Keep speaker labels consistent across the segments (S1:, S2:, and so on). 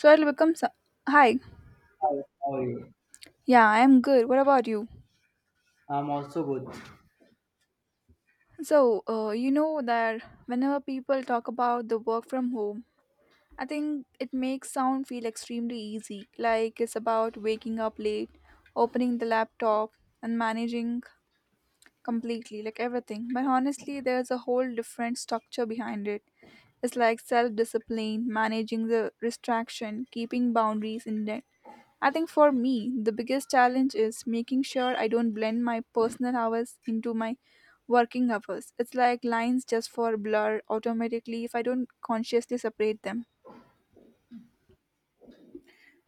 S1: So I'll become. so- Hi.
S2: Hi, how are you?
S1: Yeah, I'm good. What about you?
S2: I'm also good.
S1: So that whenever people talk about the work from home, I think it makes sound feel extremely easy. Like it's about waking up late, opening the laptop, and managing completely, like everything. But honestly, there's a whole different structure behind it. It's like self discipline, managing the distraction, keeping boundaries in I think for me, the biggest challenge is making sure I don't blend my personal hours into my working hours. It's like lines just for blur automatically if I don't consciously separate them.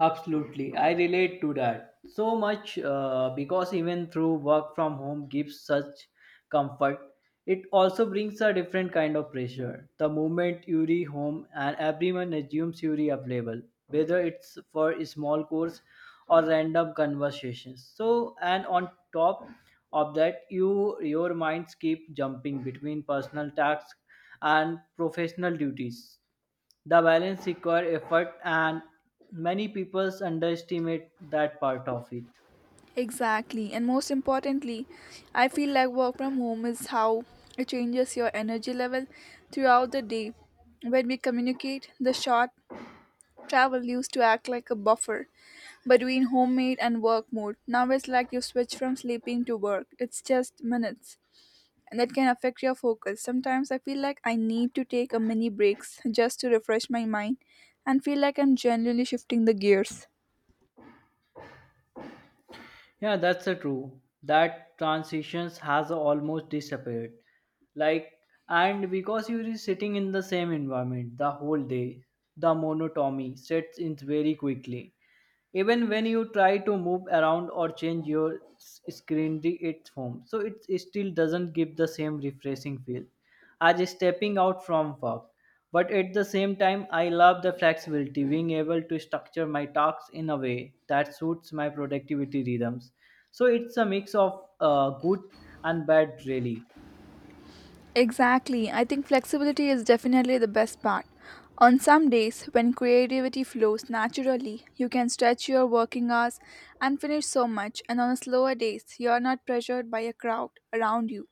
S2: Absolutely, I relate to that so much because even through work from home gives such comfort, it also brings a different kind of pressure. The moment you re home and everyone assumes you re available, whether it's for a small course or random conversations. So, and on top of that, your minds keep jumping between personal tasks and professional duties. The balance requires effort, and many people underestimate that part of it.
S1: Exactly. And most importantly, I feel like work from home is how it changes your energy level throughout the day. When we communicate, the short travel used to act like a buffer between homemade and work mode. Now it's like you switch from sleeping to work. It's just minutes. And that can affect your focus. Sometimes I feel like I need to take a mini breaks just to refresh my mind and feel like I'm genuinely shifting the gears.
S2: Yeah, that's the true. That transitions has almost disappeared. Like, and because you are sitting in the same environment the whole day, the monotony sets in very quickly. Even when you try to move around or change your screenery, it's home, so it still doesn't give the same refreshing feel as stepping out from work. But at the same time, I love the flexibility, being able to structure my tasks in a way that suits my productivity rhythms. So it's a mix of good and bad, really.
S1: Exactly. I think flexibility is definitely the best part. On some days, when creativity flows naturally, you can stretch your working hours and finish so much, and on slower days, you are not pressured by a crowd around you.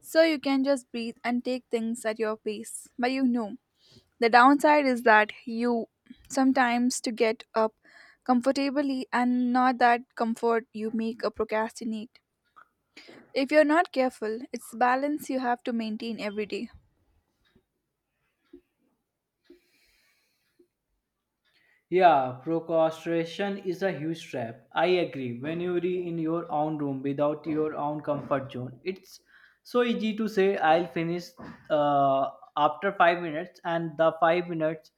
S1: So you can just breathe and take things at your pace. But you know, the downside is that you sometimes to get up comfortably and not that comfort you make a procrastinate. If you're not careful, it's balance you have to maintain every day.
S2: Yeah, procrastination is a huge trap. I agree. When you're in your own room without your own comfort zone, it's so easy to say, I'll finish uh, after 5 minutes, and the 5 minutes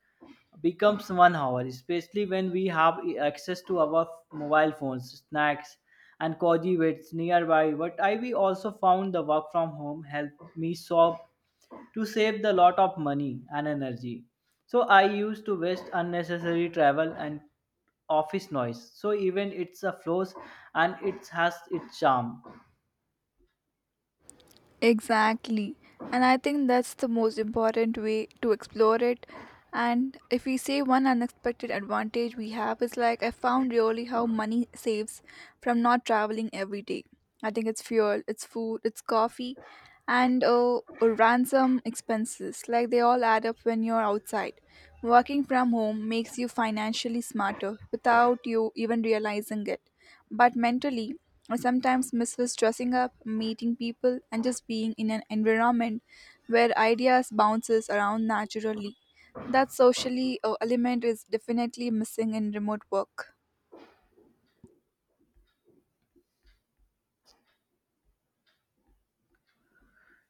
S2: becomes 1 hour, especially when we have e, access to our mobile phones, snacks, and cozy weights nearby. But I we also found the work from home helped me solve to save the lot of money and energy. So I used to waste unnecessary travel and office noise. So even it's a flows and it has its charm.
S1: Exactly. And I think that's the most important way to explore it. And if we say one unexpected advantage we have is like I found really how money saves from not traveling every day. I think it's fuel, it's food, it's coffee, and ransom expenses. Like they all add up when you're outside. Working from home makes you financially smarter without you even realizing it. But mentally, I sometimes misses dressing up, meeting people, and just being in an environment where ideas bounces around naturally. That socially element is definitely missing in remote work.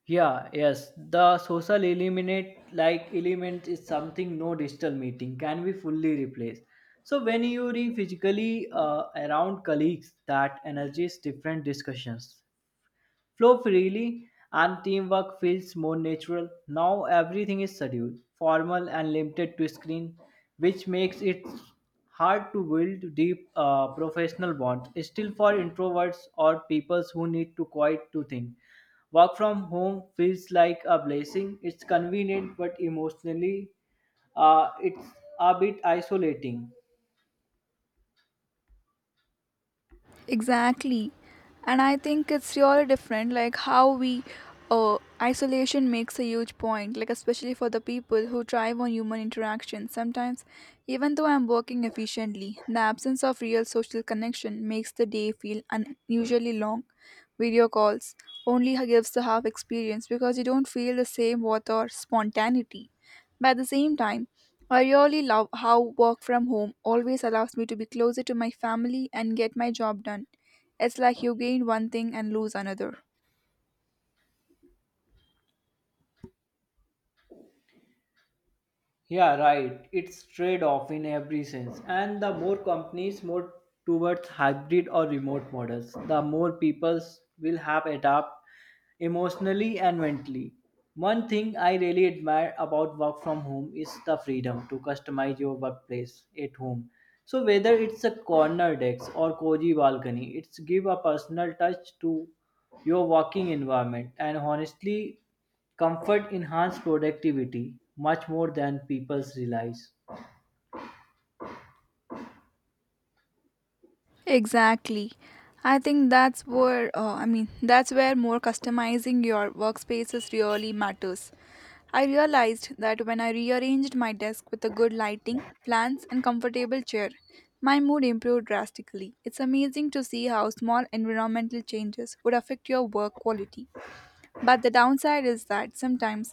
S2: Yeah, yes. The social eliminate like element is something no digital meeting can be fully replaced. So when you are physically around colleagues, that energies different discussions flow freely and teamwork feels more natural. Now everything is scheduled, formal and limited to screen, which makes it hard to build deep professional bonds. Still, for introverts or people who need to quiet to think, work from home feels like a blessing. It's convenient, but emotionally, it's a bit isolating.
S1: Exactly. And I think it's really different, like how we isolation makes a huge point, like especially for the people who thrive on human interaction. Sometimes, even though I'm working efficiently, the absence of real social connection makes the day feel unusually long. Video calls only gives the half experience because you don't feel the same warmth or spontaneity. But at the same time, I really love how work from home always allows me to be closer to my family and get my job done. It's like you gain one thing and lose another.
S2: Yeah, right. It's trade-off in every sense. And the more companies move towards hybrid or remote models, the more people will have adapt emotionally and mentally. One thing I really admire about work from home is the freedom to customize your workplace at home. So whether it's a corner desk or cozy balcony, it's give a personal touch to your working environment. And honestly, comfort enhances productivity much more than people realize.
S1: Exactly. I think that's where that's where more customizing your workspaces really matters. I realized that when I rearranged my desk with a good lighting, plants and comfortable chair, my mood improved drastically. It's amazing to see how small environmental changes would affect your work quality. But the downside is that sometimes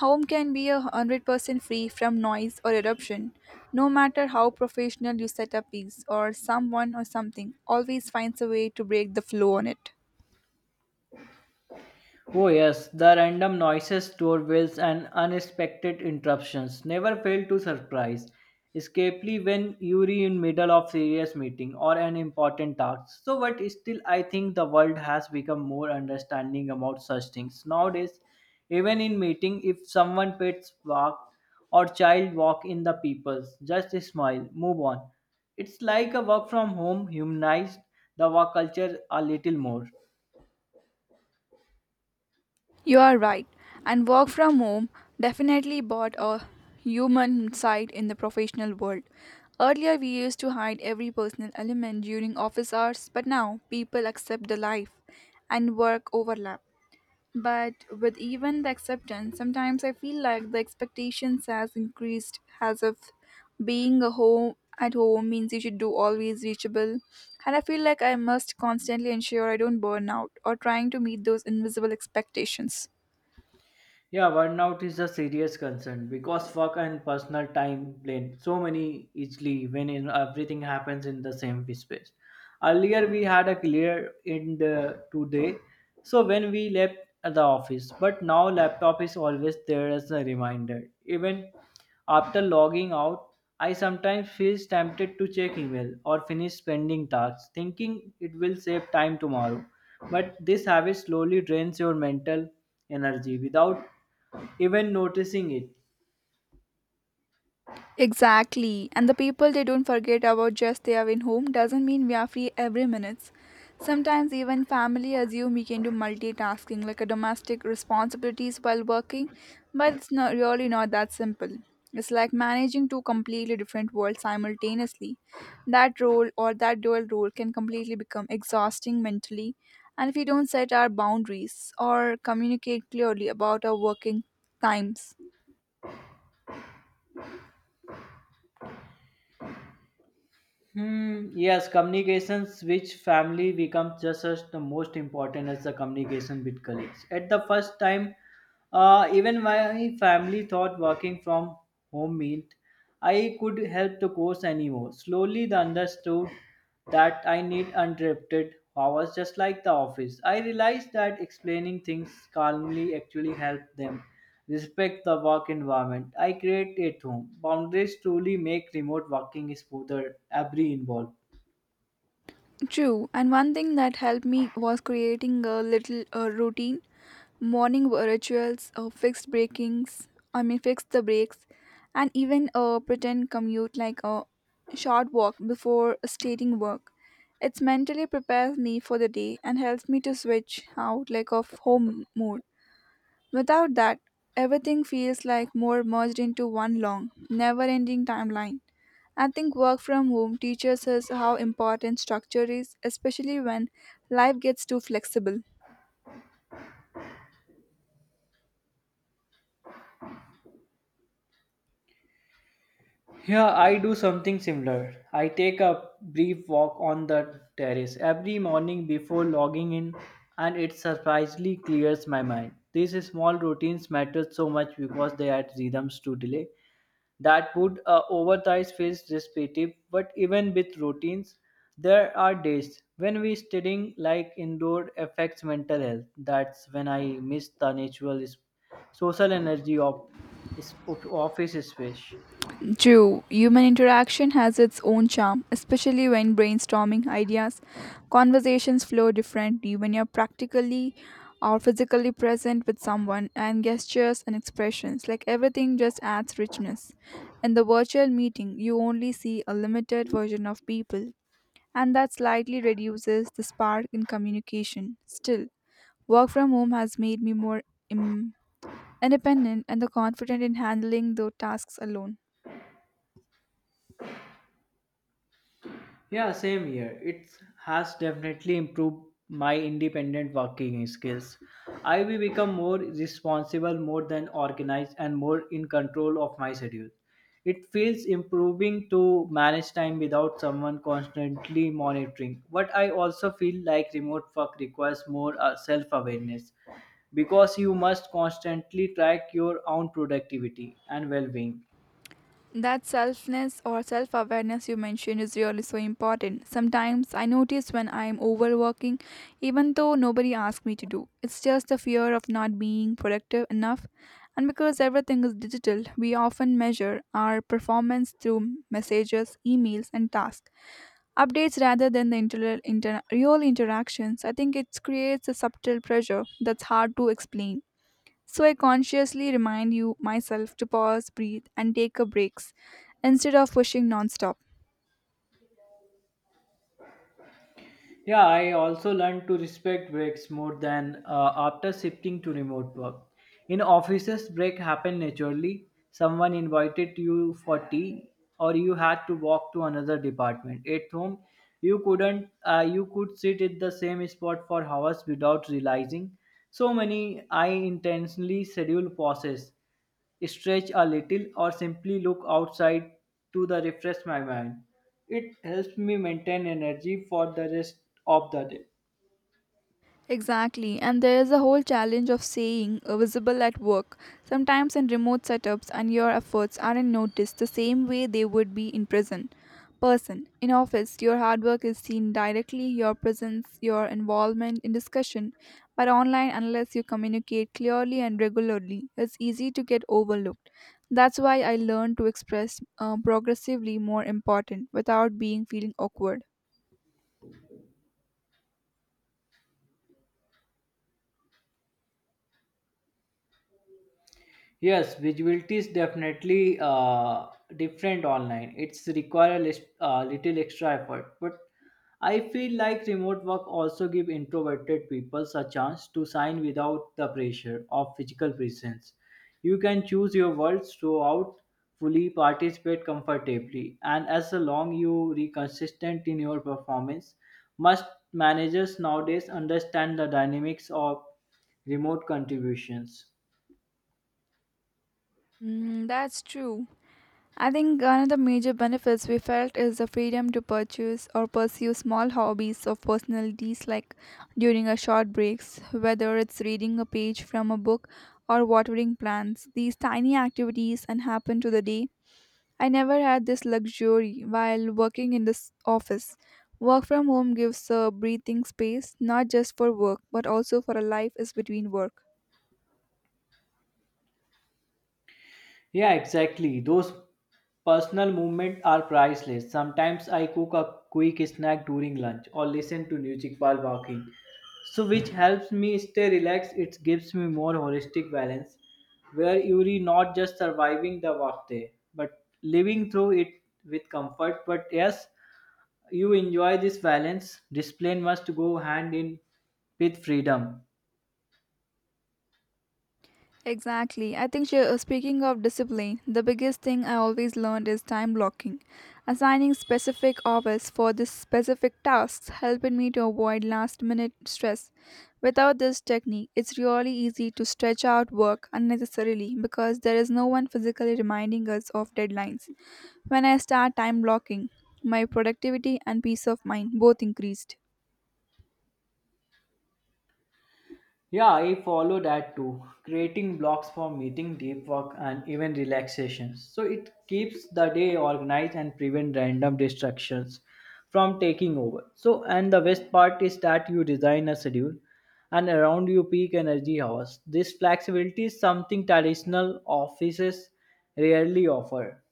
S1: home can be a 100% free from noise or eruption. No matter how professional you set up is or someone or something always finds a way to break the flow on it.
S2: Oh, yes, the random noises, doorbells, and unexpected interruptions never fail to surprise, especially when you're in middle of serious meeting or an important task. So, but still, I think the world has become more understanding about such things nowadays. Even in meeting, if someone pets walk or child walk in the people's, just smile, move on. It's like a work from home humanized the work culture a little more.
S1: You are right. And work from home definitely brought a human side in the professional world. Earlier, we used to hide every personal element during office hours, but now people accept the life and work overlap. But with even the acceptance, sometimes I feel like the expectations has increased as if being a home at home means you should do always reachable. And I feel like I must constantly ensure I don't burn out or trying to meet those invisible expectations.
S2: Yeah, burnout is a serious concern because work and personal time blend so many easily when in everything happens in the same space. Earlier we had a clear end today, so when we left the office, but now laptop is always there as a reminder. Even after logging out, I sometimes feel tempted to check email or finish pending tasks, thinking it will save time tomorrow. But this habit slowly drains your mental energy without even noticing it.
S1: Exactly. And the people they don't forget about just they are in home doesn't mean we are free every minute. Sometimes even family assume we can do multitasking like a domestic responsibilities while working, but it's not really not that simple. It's like managing two completely different worlds simultaneously. That role or that dual role can completely become exhausting mentally and if we don't set our boundaries or communicate clearly about our working times.
S2: Yes, communications with family becomes just as the most important as the communication with colleagues. At the first time, even my family thought working from home meant I could help the course anymore. Slowly, they understood that I need uninterrupted hours just like the office. I realized that explaining things calmly actually helped them. Respect the work environment. I create at home. Boundaries truly make remote working smoother. Every involved.
S1: True, and one thing that helped me was creating a little routine, morning rituals, fixed breakings, I mean, fix the breaks, and even a pretend commute like a short walk before stating work. It's mentally prepares me for the day and helps me to switch out like of home mode. Without that, everything feels like more merged into one long, never ending timeline. I think work from home teaches us how important structure is, especially when life gets too flexible.
S2: Yeah, I do something similar. I take a brief walk on the terrace every morning before logging in, and it surprisingly clears my mind. These small routines matter so much because they add rhythms to delay that would otherwise feel repetitive. But even with routines, there are days when we studying like indoor affects mental health. That's when I miss the natural social energy of of office space.
S1: True, human interaction has its own charm, especially when brainstorming ideas. Conversations flow differently when you're practically or physically present with someone, and gestures and expressions like everything just adds richness. In the virtual meeting, you only see a limited version of people, and that slightly reduces the spark in communication. Still, work from home has made me more im- independent and the confident in handling the tasks alone.
S2: Yeah, same here. It has definitely improved my independent working skills. I will become more responsible, more than organized, and more in control of my schedule. It feels improving to manage time without someone constantly monitoring. But I also feel like remote work requires more self awareness because you must constantly track your own productivity and well being.
S1: That selfness or self awareness you mentioned is really so important. Sometimes I notice when I am overworking, even though nobody asked me to do. It's just the fear of not being productive enough. And because everything is digital, we often measure our performance through messages, emails, and tasks. Updates rather than the real interactions, I think it creates a subtle pressure that's hard to explain. So I consciously remind you myself to pause, breathe, and take a breaks instead of pushing nonstop.
S2: Yeah, I also learned to respect breaks more than after shifting to remote work. In offices, break happened naturally. Someone invited you for tea, or you had to walk to another department. At home, you couldn't. You could sit at the same spot for hours without realizing. So many I intentionally schedule pauses stretch a little, or simply look outside to the refresh my mind. It helps me maintain energy for the rest of the day.
S1: Exactly, and there is a whole challenge of saying visible at work. Sometimes in remote setups, and your efforts aren't noticed the same way they would be in prison. Person in office, your hard work is seen directly, your presence, your involvement in discussion. But online, unless you communicate clearly and regularly, it's easy to get overlooked. That's why I learned to express progressively more important without being feeling awkward.
S2: Yes, visibility is definitely different online. It's require a little extra effort, but I feel like remote work also give introverted people a chance to shine without the pressure of physical presence. You can choose your words throughout, fully participate comfortably, and as long you are consistent in your performance, must managers nowadays understand the dynamics of remote contributions.
S1: Mm, that's true. I think one of the major benefits we felt is the freedom to purchase or pursue small hobbies of personalities like during our short breaks, whether it's reading a page from a book or watering plants. These tiny activities and happen to the day. I never had this luxury while working in this office. Work from home gives a breathing space not just for work but also for a life is between work.
S2: Yeah, exactly. Those personal moments are priceless. Sometimes I cook a quick snack during lunch or listen to music while walking. So which helps me stay relaxed. It gives me more holistic balance where you're not just surviving the workday, but living through it with comfort. But yes, you enjoy this balance. Discipline must go hand in with freedom.
S1: Exactly. I think speaking of discipline, the biggest thing I always learned is time blocking. Assigning specific hours for this specific tasks helping me to avoid last minute stress. Without this technique, it's really easy to stretch out work unnecessarily because there is no one physically reminding us of deadlines. When I start time blocking, my productivity and peace of mind both increased.
S2: Yeah, I follow that too. Creating blocks for meeting, deep work, and even relaxation, so it keeps the day organized and prevent random distractions from taking over. So and the best part is that you design a schedule and around your peak energy hours. This flexibility is something traditional offices rarely offer.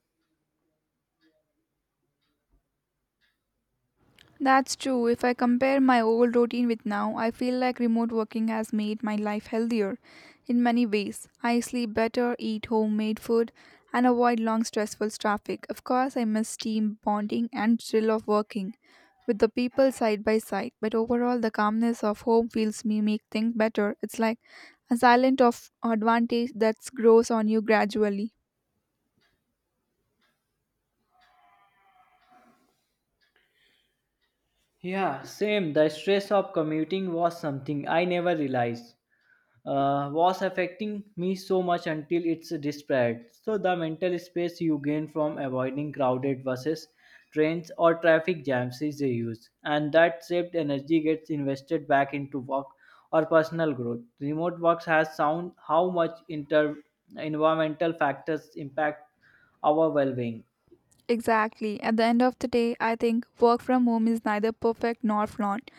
S1: That's true. If I compare my old routine with now, I feel like remote working has made my life healthier in many ways. I sleep better, eat homemade food, and avoid long stressful traffic. Of course, I miss team bonding and thrill of working with the people side by side, but overall the calmness of home feels me make things better. It's like a silent of advantage that grows on you gradually.
S2: Yeah, same. The stress of commuting was something I never realized was affecting me so much until it's despair. So the mental space you gain from avoiding crowded buses, trains, or traffic jams is used, and that saved energy gets invested back into work or personal growth. Remote works has sound how much inter environmental factors impact our well-being.
S1: Exactly. At the end of the day, I think work from home is neither perfect nor flawed.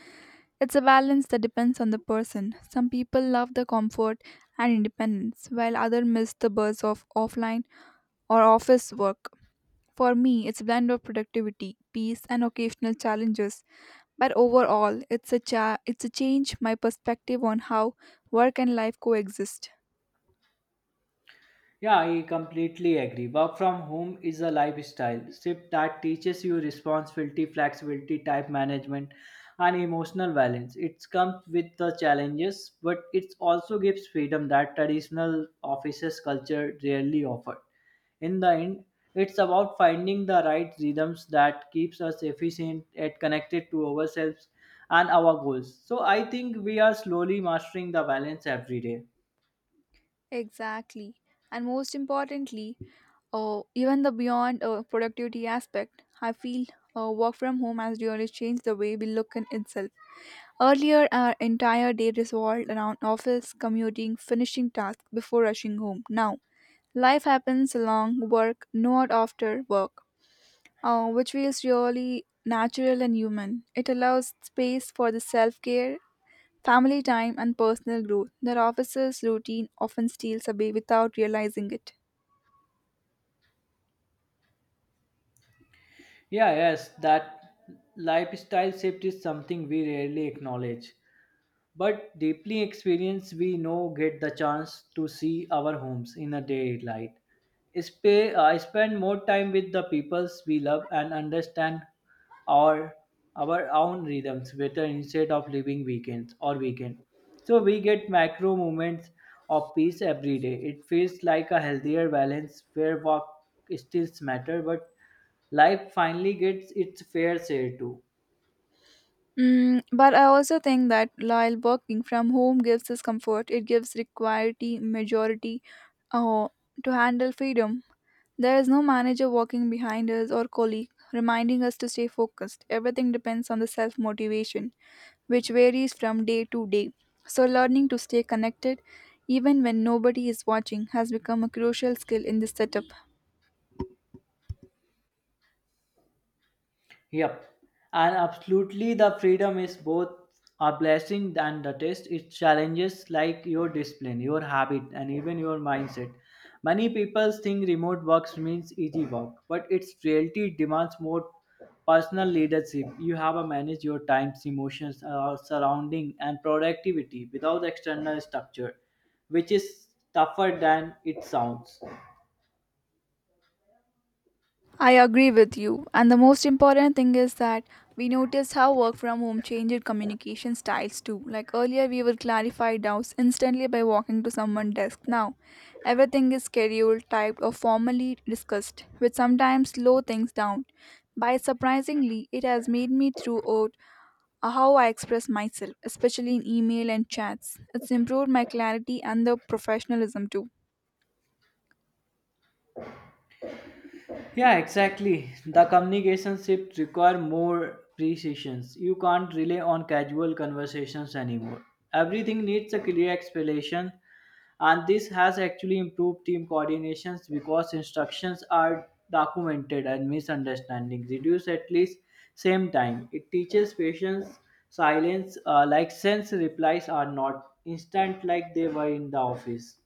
S1: It's a balance that depends on the person. Some people love the comfort and independence, while others miss the buzz of offline or office work. For me, it's a blend of productivity, peace, and occasional challenges. But overall, it's a it's a change my perspective on how work and life coexist.
S2: Yeah, I completely agree. Work from home is a lifestyle shift that teaches you responsibility, flexibility, type management, and emotional balance. It comes with the challenges, but it also gives freedom that traditional offices culture rarely offered. In the end, it's about finding the right rhythms that keeps us efficient and connected to ourselves and our goals. So I think we are slowly mastering the balance every day.
S1: Exactly, and most importantly, even the beyond productivity aspect, I feel work from home has really changed the way we look in itself. Earlier, our entire day revolved around office, commuting, finishing tasks before rushing home. Now, life happens along work, not after work, which feels really natural and human. It allows space for the self care, family time, and personal growth that office's routine often steals away without realizing it.
S2: Yeah, yes, that lifestyle shift is something we rarely acknowledge but deeply experienced we know get the chance to see our homes in a daylight. I spend more time with the peoples we love and understand our our own rhythms better instead of living weekends or weekend. So we get macro moments of peace every day. It feels like a healthier balance where work still matter, but life finally gets its fair share too.
S1: Mm, but I also think that while working from home gives us comfort, it gives required majority uh, to handle freedom There is no manager walking behind us or colleague reminding us to stay focused. Everything depends on the self motivation, which varies from day to day. So, learning to stay connected even when nobody is watching has become a crucial skill in this setup.
S2: Yep. And absolutely, the freedom is both a blessing and a test. It challenges like your discipline, your habit, and even your mindset. Many people think remote work means easy work, but its reality demands more personal leadership. You have to manage your times, emotions, surrounding, and productivity without external structure, which is tougher than it sounds.
S1: I agree with you. And the most important thing is that we noticed how work from home changed communication styles too. Like earlier, we would clarify doubts instantly by walking to someone's desk. Now, everything is scheduled, typed, or formally discussed, which sometimes slow things down. By surprisingly, it has made me throughout how I express myself, especially in email and chats. It's improved my clarity and the professionalism too.
S2: Yeah, exactly. The communication shift require more precisions. You can't rely on casual conversations anymore. Everything needs a clear explanation, and this has actually improved team coordinations because instructions are documented and misunderstanding reduce at least same time. It teaches patience, silence, like sense replies are not instant like they were in the office.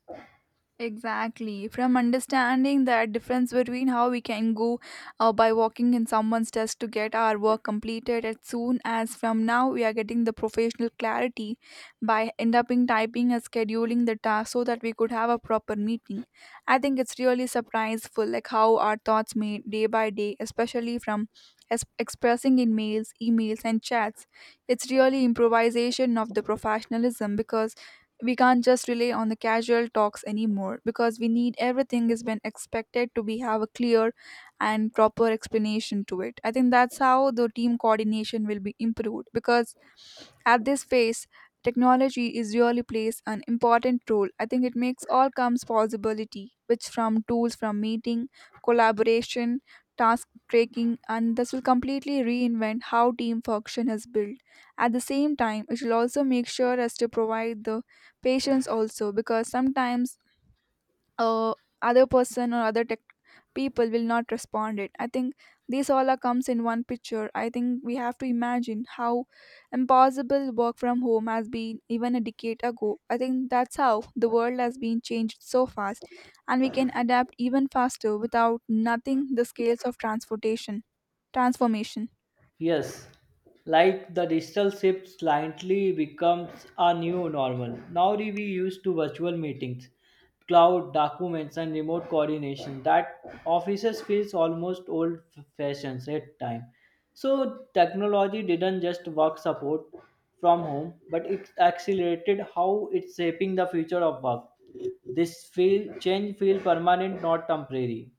S1: Exactly. From understanding that difference between how we can go by walking in someone's desk to get our work completed as soon as from now we are getting the professional clarity by end up in typing and scheduling the task so that we could have a proper meeting. I think it's really surpriseful like how our thoughts made day by day, especially from expressing in mails, emails and chats. It's really improvisation of the professionalism because we can't just rely on the casual talks anymore because we need everything is been expected to be have a clear and proper explanation to it. I think that's how the team coordination will be improved because at this phase technology is really plays an important role. I think it makes all comes possibility which from tools, from meeting, collaboration, task tracking, and this will completely reinvent how team function is built. At the same time, it will also make sure as to provide the patience also because sometimes uh, other person or other tech people will not respond it. I think this all are comes in one picture. I think we have to imagine how impossible work from home has been even a decade ago. I think that's how the world has been changed so fast and we can adapt even faster without nothing the scales of transportation transformation.
S2: Yes, like the digital shift slightly becomes a new normal. Now we used to virtual meetings, cloud documents, and remote coordination. That offices feels almost old-fashioned at time. So technology didn't just work support from home, but it accelerated how it's shaping the future of work. This feel change feel permanent, not temporary.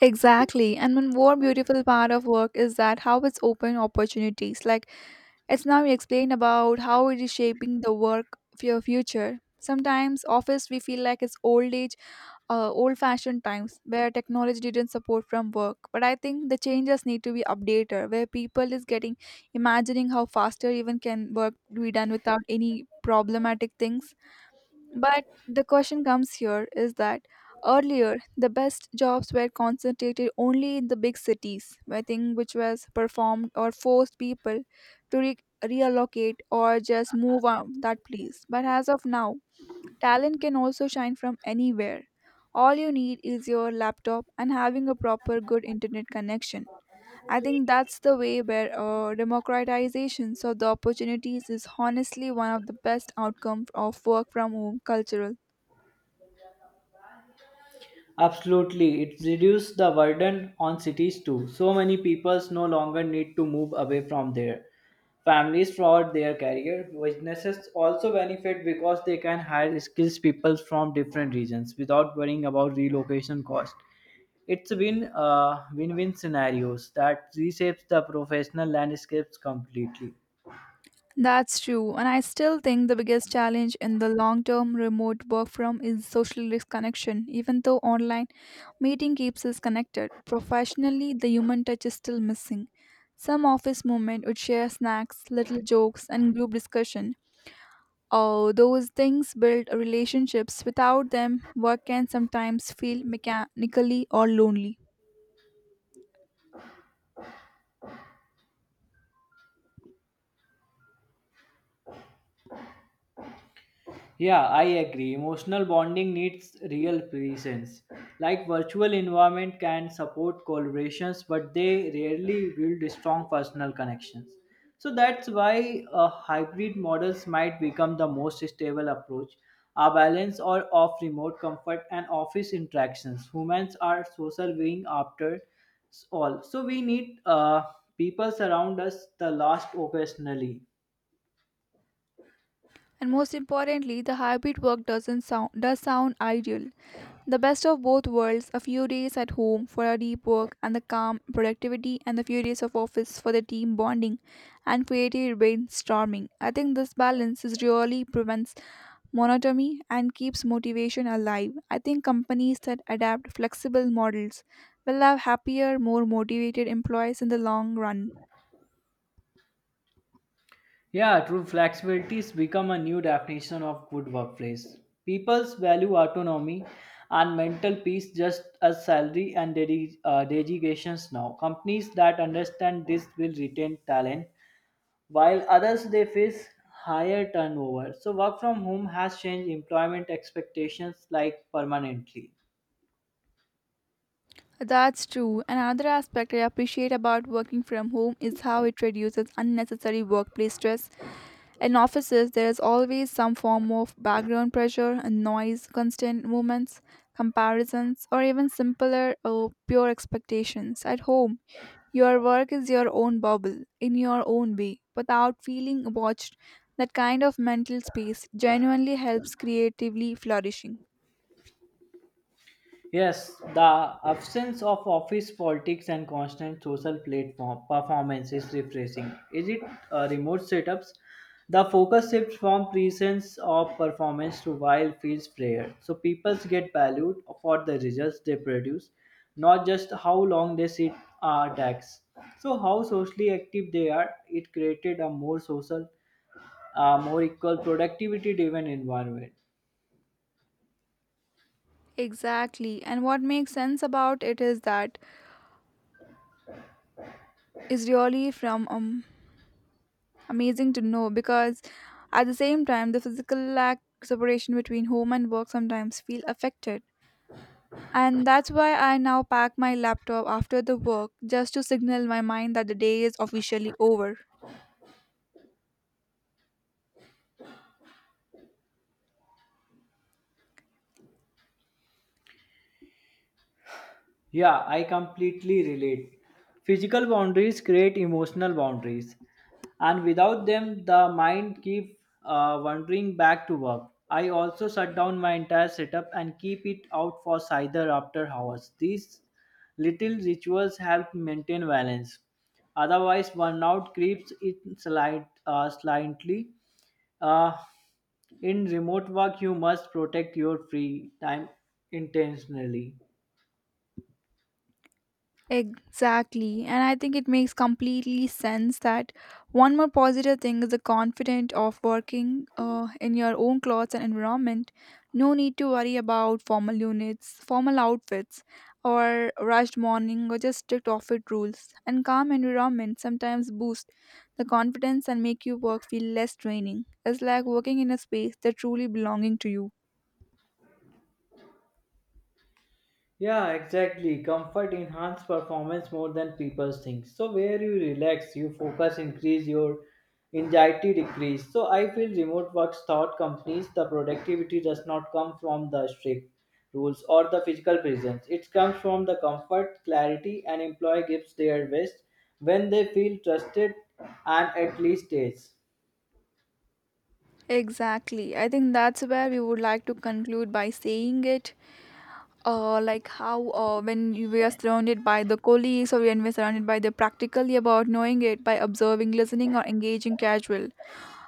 S1: Exactly. And one more beautiful part of work is that how it's open opportunities. Like, it's now you explain about how it is shaping the work of your future. Sometimes office we feel like it's old age, old fashioned times where technology didn't support from work. But I think the changes need to be updated where people is getting imagining how faster even can work be done without any problematic things, but the question comes here is that earlier the best jobs were concentrated only in the big cities, I think, which was performed or forced people to reallocate or just move on that place. But as of now, talent can also shine from anywhere. All you need is your laptop and having a proper good internet connection. I think that's the way where democratization of the opportunities is honestly one of the best outcomes of work from home cultural.
S2: Absolutely, it's reduced the burden on cities too. So many people no longer need to move away from their families for their career. Businesses also benefit because they can hire skilled people from different regions without worrying about relocation cost. It's been win-win scenarios that reshapes the professional landscapes completely.
S1: That's true, and I still think the biggest challenge in the long term remote work from is social disconnection. Even though online meeting keeps us connected, professionally the human touch is still missing. Some office moment would share snacks, little jokes, and group discussion. Oh, those things build relationships. Without them, work can sometimes feel mechanically or lonely.
S2: Yeah, I agree. Emotional bonding needs real presence. Like virtual environment can support collaborations, but they rarely build strong personal connections. So that's why hybrid models might become the most stable approach. A balance or of remote comfort and office interactions. Humans are social being after all. So we need people surround us the last occasionally.
S1: And most importantly, the hybrid work doesn't sound does sound ideal. The best of both worlds, a few days at home for our deep work and the calm productivity and the few days of office for the team bonding and creative brainstorming. I think this balance is really prevents monotony and keeps motivation alive. I think companies that adapt flexible models will have happier, more motivated employees in the long run.
S2: Yeah, true flexibility has become a new definition of good workplace. People's value autonomy and mental peace just as salary and dedications now. Companies that understand this will retain talent, while others they face higher turnover. So work from home has changed employment expectations like permanently.
S1: That's true. Another aspect I appreciate about working from home is how it reduces unnecessary workplace stress. In offices, there is always some form of background pressure and noise, constant movements, comparisons, or even simpler or pure expectations. At home, your work is your own bubble, in your own way, without feeling watched. That kind of mental space genuinely helps creatively flourishing.
S2: Yes, the absence of office politics and constant social platform performance is refreshing. Is it remote setups? The focus shifts from presence of performance to wild fields prayer. So people get valued for the results they produce, not just how long they sit tax. So how socially active they are, it created a more social, more equal productivity driven environment.
S1: Exactly, and what makes sense about it is that is really from amazing to know because at the same time the physical lack separation between home and work sometimes feel affected, and that's why I now pack my laptop after the work just to signal my mind that the day is officially over.
S2: Yeah, I completely relate. Physical boundaries create emotional boundaries, and without them, the mind keep wandering back to work. I also shut down my entire setup and keep it out for cider after hours. These little rituals help maintain balance. Otherwise, burnout creeps in slightly. Uh, in remote work, you must protect your free time intentionally.
S1: Exactly. And I think it makes completely sense that one more positive thing is the confident of working in your own clothes and environment. No need to worry about formal units, formal outfits, or rushed morning or just strict office rules. And calm environment sometimes boost the confidence and make your work feel less draining. It's like working in a space that truly belonging to you.
S2: Yeah, exactly. Comfort enhance performance more than people think. So where you relax, you focus increase, your anxiety decrease. So I feel remote work taught companies the productivity does not come from the strict rules or the physical presence. It comes from the comfort, clarity, and employee gives their best when they feel trusted and at least ease.
S1: Exactly. I think that's where we would like to conclude by saying it. Like how when we are surrounded by the colleagues or when we're surrounded by the practically about knowing it by observing, listening, or engaging casual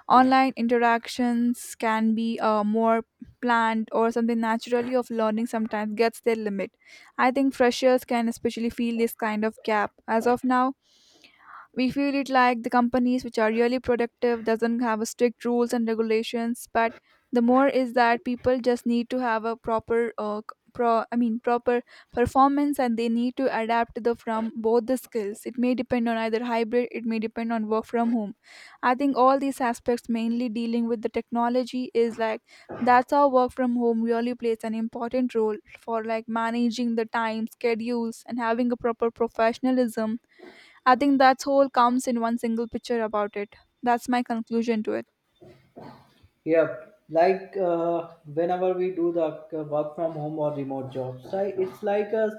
S1: online interactions can be more planned or something naturally of learning sometimes gets their limit. I think freshers can especially feel this kind of gap. As of now, we feel it like the companies which are really productive doesn't have a strict rules and regulations, but the more is that people just need to have a proper proper performance and they need to adapt the from both the skills. It may depend on either hybrid, it may depend on work from home. I think all these aspects mainly dealing with the technology is like that's how work from home really plays an important role for like managing the time schedules and having a proper professionalism. I think that's whole comes in one single picture about it. That's my conclusion to it.
S2: Yep. Like whenever we do the work from home or remote jobs, I, it's like a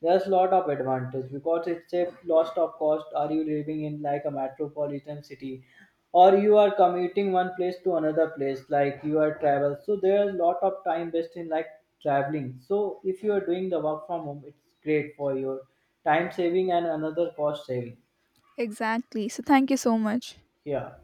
S2: there's lot of advantage because it's a lost of cost. Are you living in like a metropolitan city, or you are commuting one place to another place? Like you are travel, so there's lot of time based in like traveling. So if you are doing the work from home, it's great for your time saving and another cost saving.
S1: Exactly. So thank you so much.
S2: Yeah.